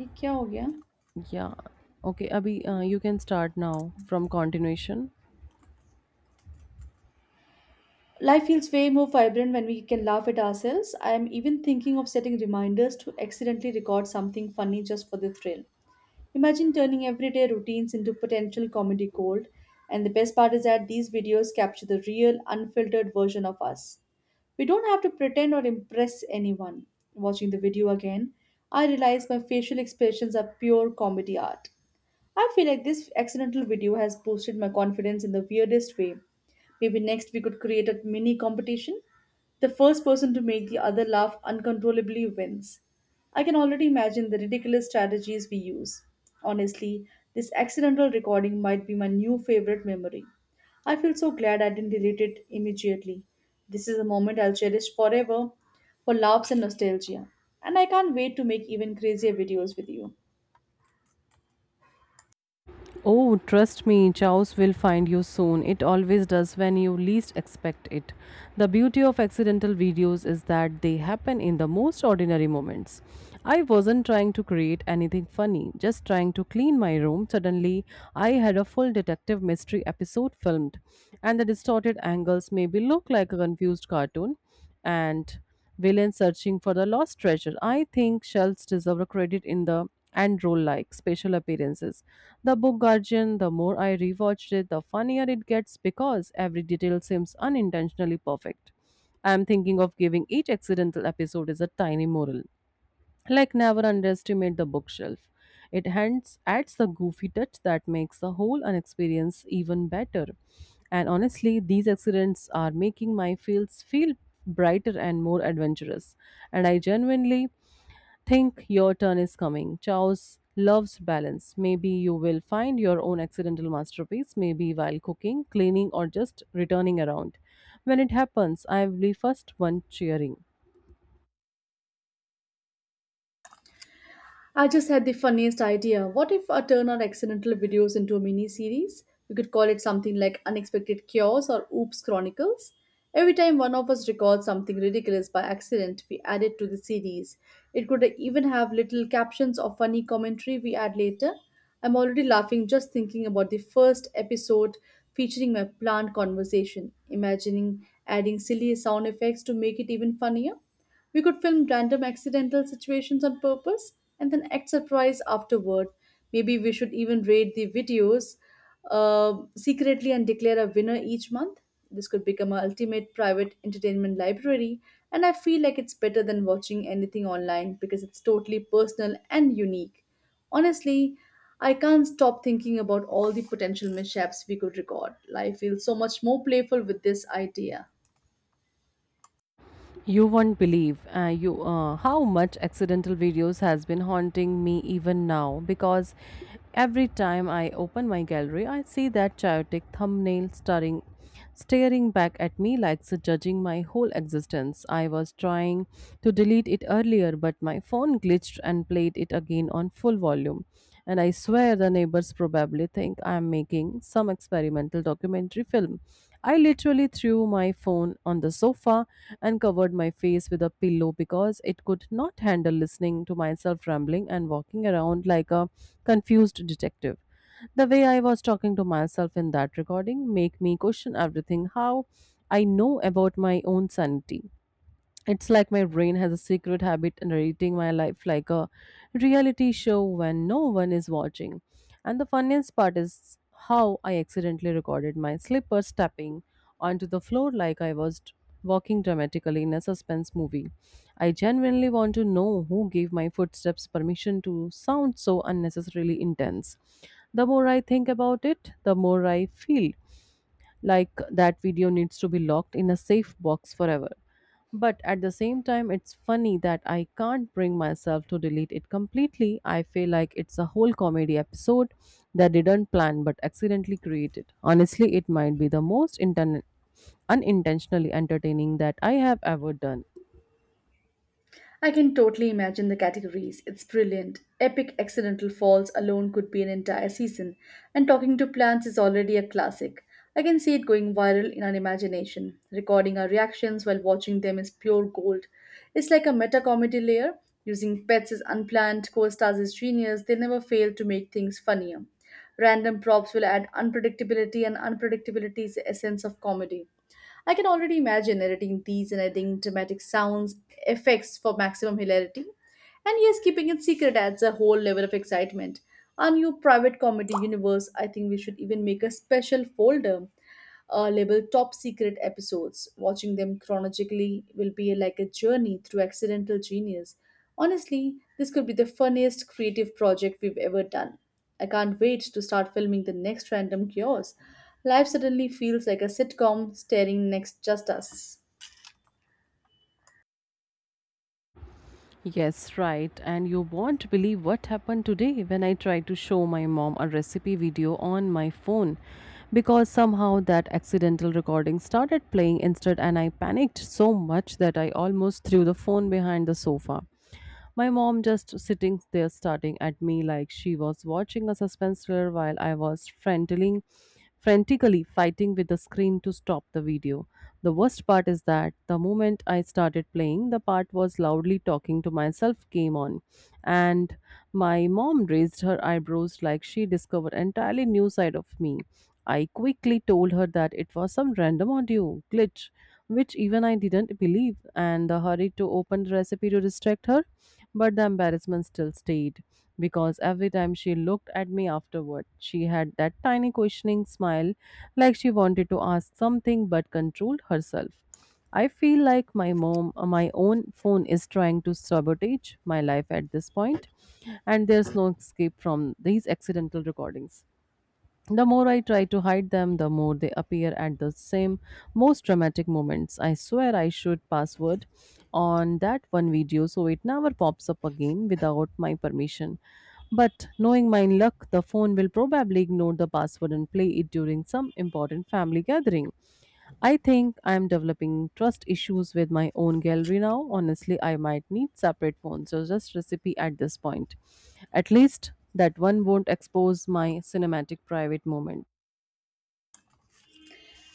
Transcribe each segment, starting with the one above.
ये क्या हो गया? Yeah. Okay, Abhi, you can start now from continuation. Life feels way more vibrant when we can laugh at ourselves. I am even thinking of setting reminders to accidentally record something funny just for the thrill. Imagine turning everyday routines into potential comedy gold. And the best part is that these videos capture the real unfiltered version of us. We don't have to pretend or impress anyone. Watching the video again, I realize my facial expressions are pure comedy art. I feel like this accidental video has boosted my confidence in the weirdest way. Maybe next we could create a mini competition. The first person to make the other laugh uncontrollably wins. I can already imagine the ridiculous strategies we use. Honestly, this accidental recording might be my new favorite memory. I feel so glad I didn't delete it immediately. This is a moment I'll cherish forever, for laughs and nostalgia. And I can't wait to make even crazier videos with you. Oh, trust me, Chaos will find you soon. It always does when you least expect it. The beauty of accidental videos is that they happen in the most ordinary moments. I wasn't trying to create anything funny, just trying to clean my room. Suddenly, I had a full detective mystery episode filmed, and the distorted angles maybe look like a confused cartoon and villains searching for the lost treasure. I think shells deserve a credit in the and role, like special appearances. The book Guardian, the more I rewatched it, the funnier it gets, because every detail seems unintentionally perfect. I am thinking of giving each accidental episode as a tiny moral, like never underestimate the bookshelf. It hands adds the goofy touch that makes the whole experience even better. And honestly, these accidents are making my fields feel brighter and more adventurous. And I genuinely think your turn is coming. Chaos loves balance. Maybe you will find your own accidental masterpiece, maybe while cooking, cleaning, or just returning around. When it happens, I will be first one cheering. I just had the funniest idea. What if I turn our accidental videos into a mini series? We could call it something like Unexpected Cures or Oops Chronicles. Every time one of us records something ridiculous by accident, we add it to the series. It could even have little captions or funny commentary we add later. I'm already laughing just thinking about the first episode featuring my plant conversation, imagining adding silly sound effects to make it even funnier. We could film random accidental situations on purpose and then act surprised afterward. Maybe we should even rate the videos secretly and declare a winner each month. This could become our ultimate private entertainment library, and I feel like it's better than watching anything online because it's totally personal and unique. Honestly, I can't stop thinking about all the potential mishaps we could record. Life feels so much more playful with this idea. You won't believe you how much accidental videos has been haunting me even now, because every time I open my gallery, I see that chaotic thumbnail staring back at me like it's judging my whole existence. I was trying to delete it earlier, but my phone glitched, crashed, and played it again on full volume. And I swear, the neighbors probably think I am making some experimental documentary film. I literally threw my phone on the sofa and covered my face with a pillow, because it could not handle listening to myself rambling and walking around like a confused detective. The way I was talking to myself in that recording make me question everything how I know about my own sanity. It's like my brain has a secret habit narrating my life like a reality show when no one is watching. And the funniest part is how I accidentally recorded my slippers tapping onto the floor like I was walking dramatically in a suspense movie. I genuinely want to know who gave my footsteps permission to sound so unnecessarily intense. The more I think about it, the more I feel like that video needs to be locked in a safe box forever. But at the same time, it's funny that I can't bring myself to delete it completely. I feel like it's a whole comedy episode that didn't plan but accidentally created. Honestly, it might be the most unintentionally entertaining that I have ever done. I can totally imagine the categories. It's brilliant. Epic accidental falls alone could be an entire season, and talking to plants is already a classic. I can see it going viral in our imagination. Recording our reactions while watching them is pure gold. It's like a meta comedy layer. Using pets as unplanned co stars is genius. They never fail to make things funnier. Random props will add unpredictability, and unpredictability is the essence of comedy. I can already imagine editing these and adding dramatic sounds effects for maximum hilarity. And yes, keeping it secret adds a whole level of excitement. Our new private comedy universe, I think we should even make a special folder labeled top secret episodes. Watching them chronologically will be like a journey through accidental genius. Honestly, this could be the funniest creative project we've ever done. I can't wait to start filming the next random chaos. Life suddenly feels like a sitcom staring next just us. Yes, right. And you won't believe what happened today when I tried to show my mom a recipe video on my phone, because somehow that accidental recording started playing instead, and I panicked so much that I almost threw the phone behind the sofa. My mom just sitting there starting at me like she was watching a suspense thriller, while I was frantically fighting with the screen to stop the video. The worst part is that the moment I started playing, the part was loudly talking to myself came on, and my mom raised her eyebrows like she discovered entirely new side of me. I quickly told her that it was some random audio glitch, which even I didn't believe, and the hurry to open the recipe to distract her. But the embarrassment still stayed, because every time she looked at me afterward, she had that tiny questioning smile like she wanted to ask something but controlled herself. I feel like my own phone is trying to sabotage my life at this point, and there's no escape from these accidental recordings. The more I try to hide them, the more they appear at the same most dramatic moments. I swear, I should password on that one video so it never pops up again without my permission. But knowing my luck, the phone will probably ignore the password and play it during some important family gathering. I think I am developing trust issues with my own gallery now. Honestly, I might need separate phones or just recipe at this point. At least that one won't expose my cinematic private moments.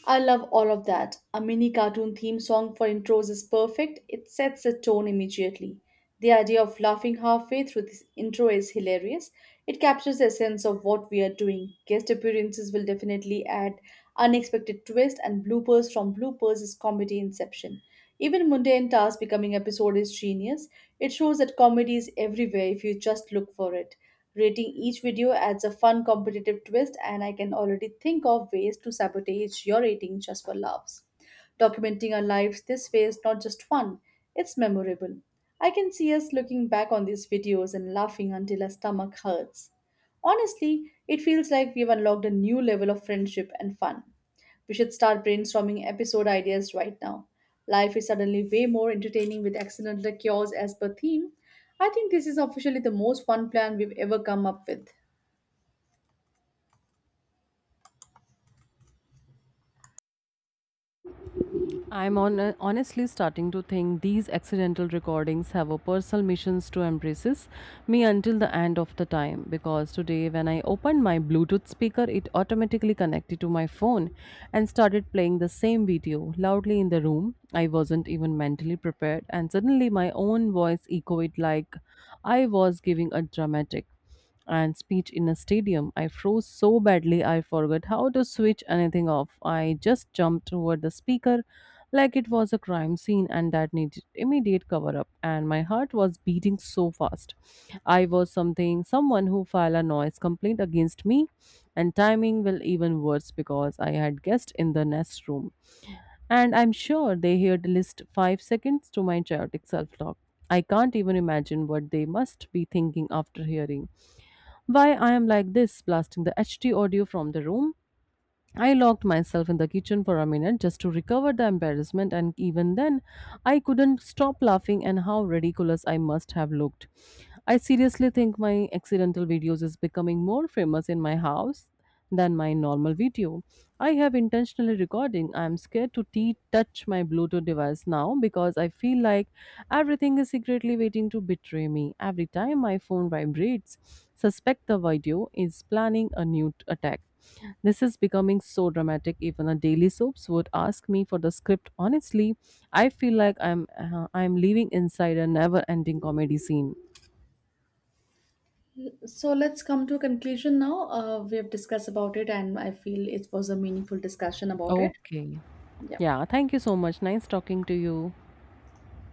I love all of that. A mini cartoon theme song for intros is perfect. It sets the tone immediately. The idea of laughing halfway through this intro is hilarious. It captures the essence of what we are doing. Guest appearances will definitely add unexpected twists, and bloopers from bloopers is comedy inception. Even mundane tasks becoming episode is genius. It shows that comedy is everywhere if you just look for it. Rating each video adds a fun competitive twist, and I can already think of ways to sabotage your rating just for laughs. Documenting our lives this way is not just fun, it's memorable. I can see us looking back on these videos and laughing until our stomach hurts. Honestly, it feels like we've unlocked a new level of friendship and fun. We should start brainstorming episode ideas right now. Life is suddenly way more entertaining with accidental cures as per theme. I think this is officially the most fun plan we've ever come up with. I'm on, honestly starting to think these accidental recordings have a personal missions to embraces me until the end of the time, because today when I opened my Bluetooth speaker, it automatically connected to my phone and started playing the same video loudly in the room. I wasn't even mentally prepared, and suddenly my own voice echoed like I was giving a dramatic and speech in a stadium. I froze so badly I forgot how to switch anything off. I just jumped toward the speaker like it was a crime scene and that needed immediate cover up, and my heart was beating so fast I was something someone who filed a noise complaint against me, and timing will even worse because I had guests in the nest room, and I'm sure they heard list 5 seconds to my chaotic self talk. I can't even imagine what they must be thinking after hearing why I am like this, blasting the HD audio from the room. I locked myself in the kitchen for a minute just to recover the embarrassment, and even then, I couldn't stop laughing and how ridiculous I must have looked. I seriously think my accidental videos is becoming more famous in my house than my normal video. I have intentionally recording. I am scared to t touch my Bluetooth device now, because I feel like everything is secretly waiting to betray me. Every time my phone vibrates, suspect the video is planning a new attack. This is becoming so dramatic. Even a daily soaps would ask me for the script. Honestly, I feel like I'm living inside a never-ending comedy scene. So let's come to a conclusion now. We have discussed about it, and I feel it was a meaningful discussion about it. Okay. Yeah. Yeah, thank you so much. Nice talking to you.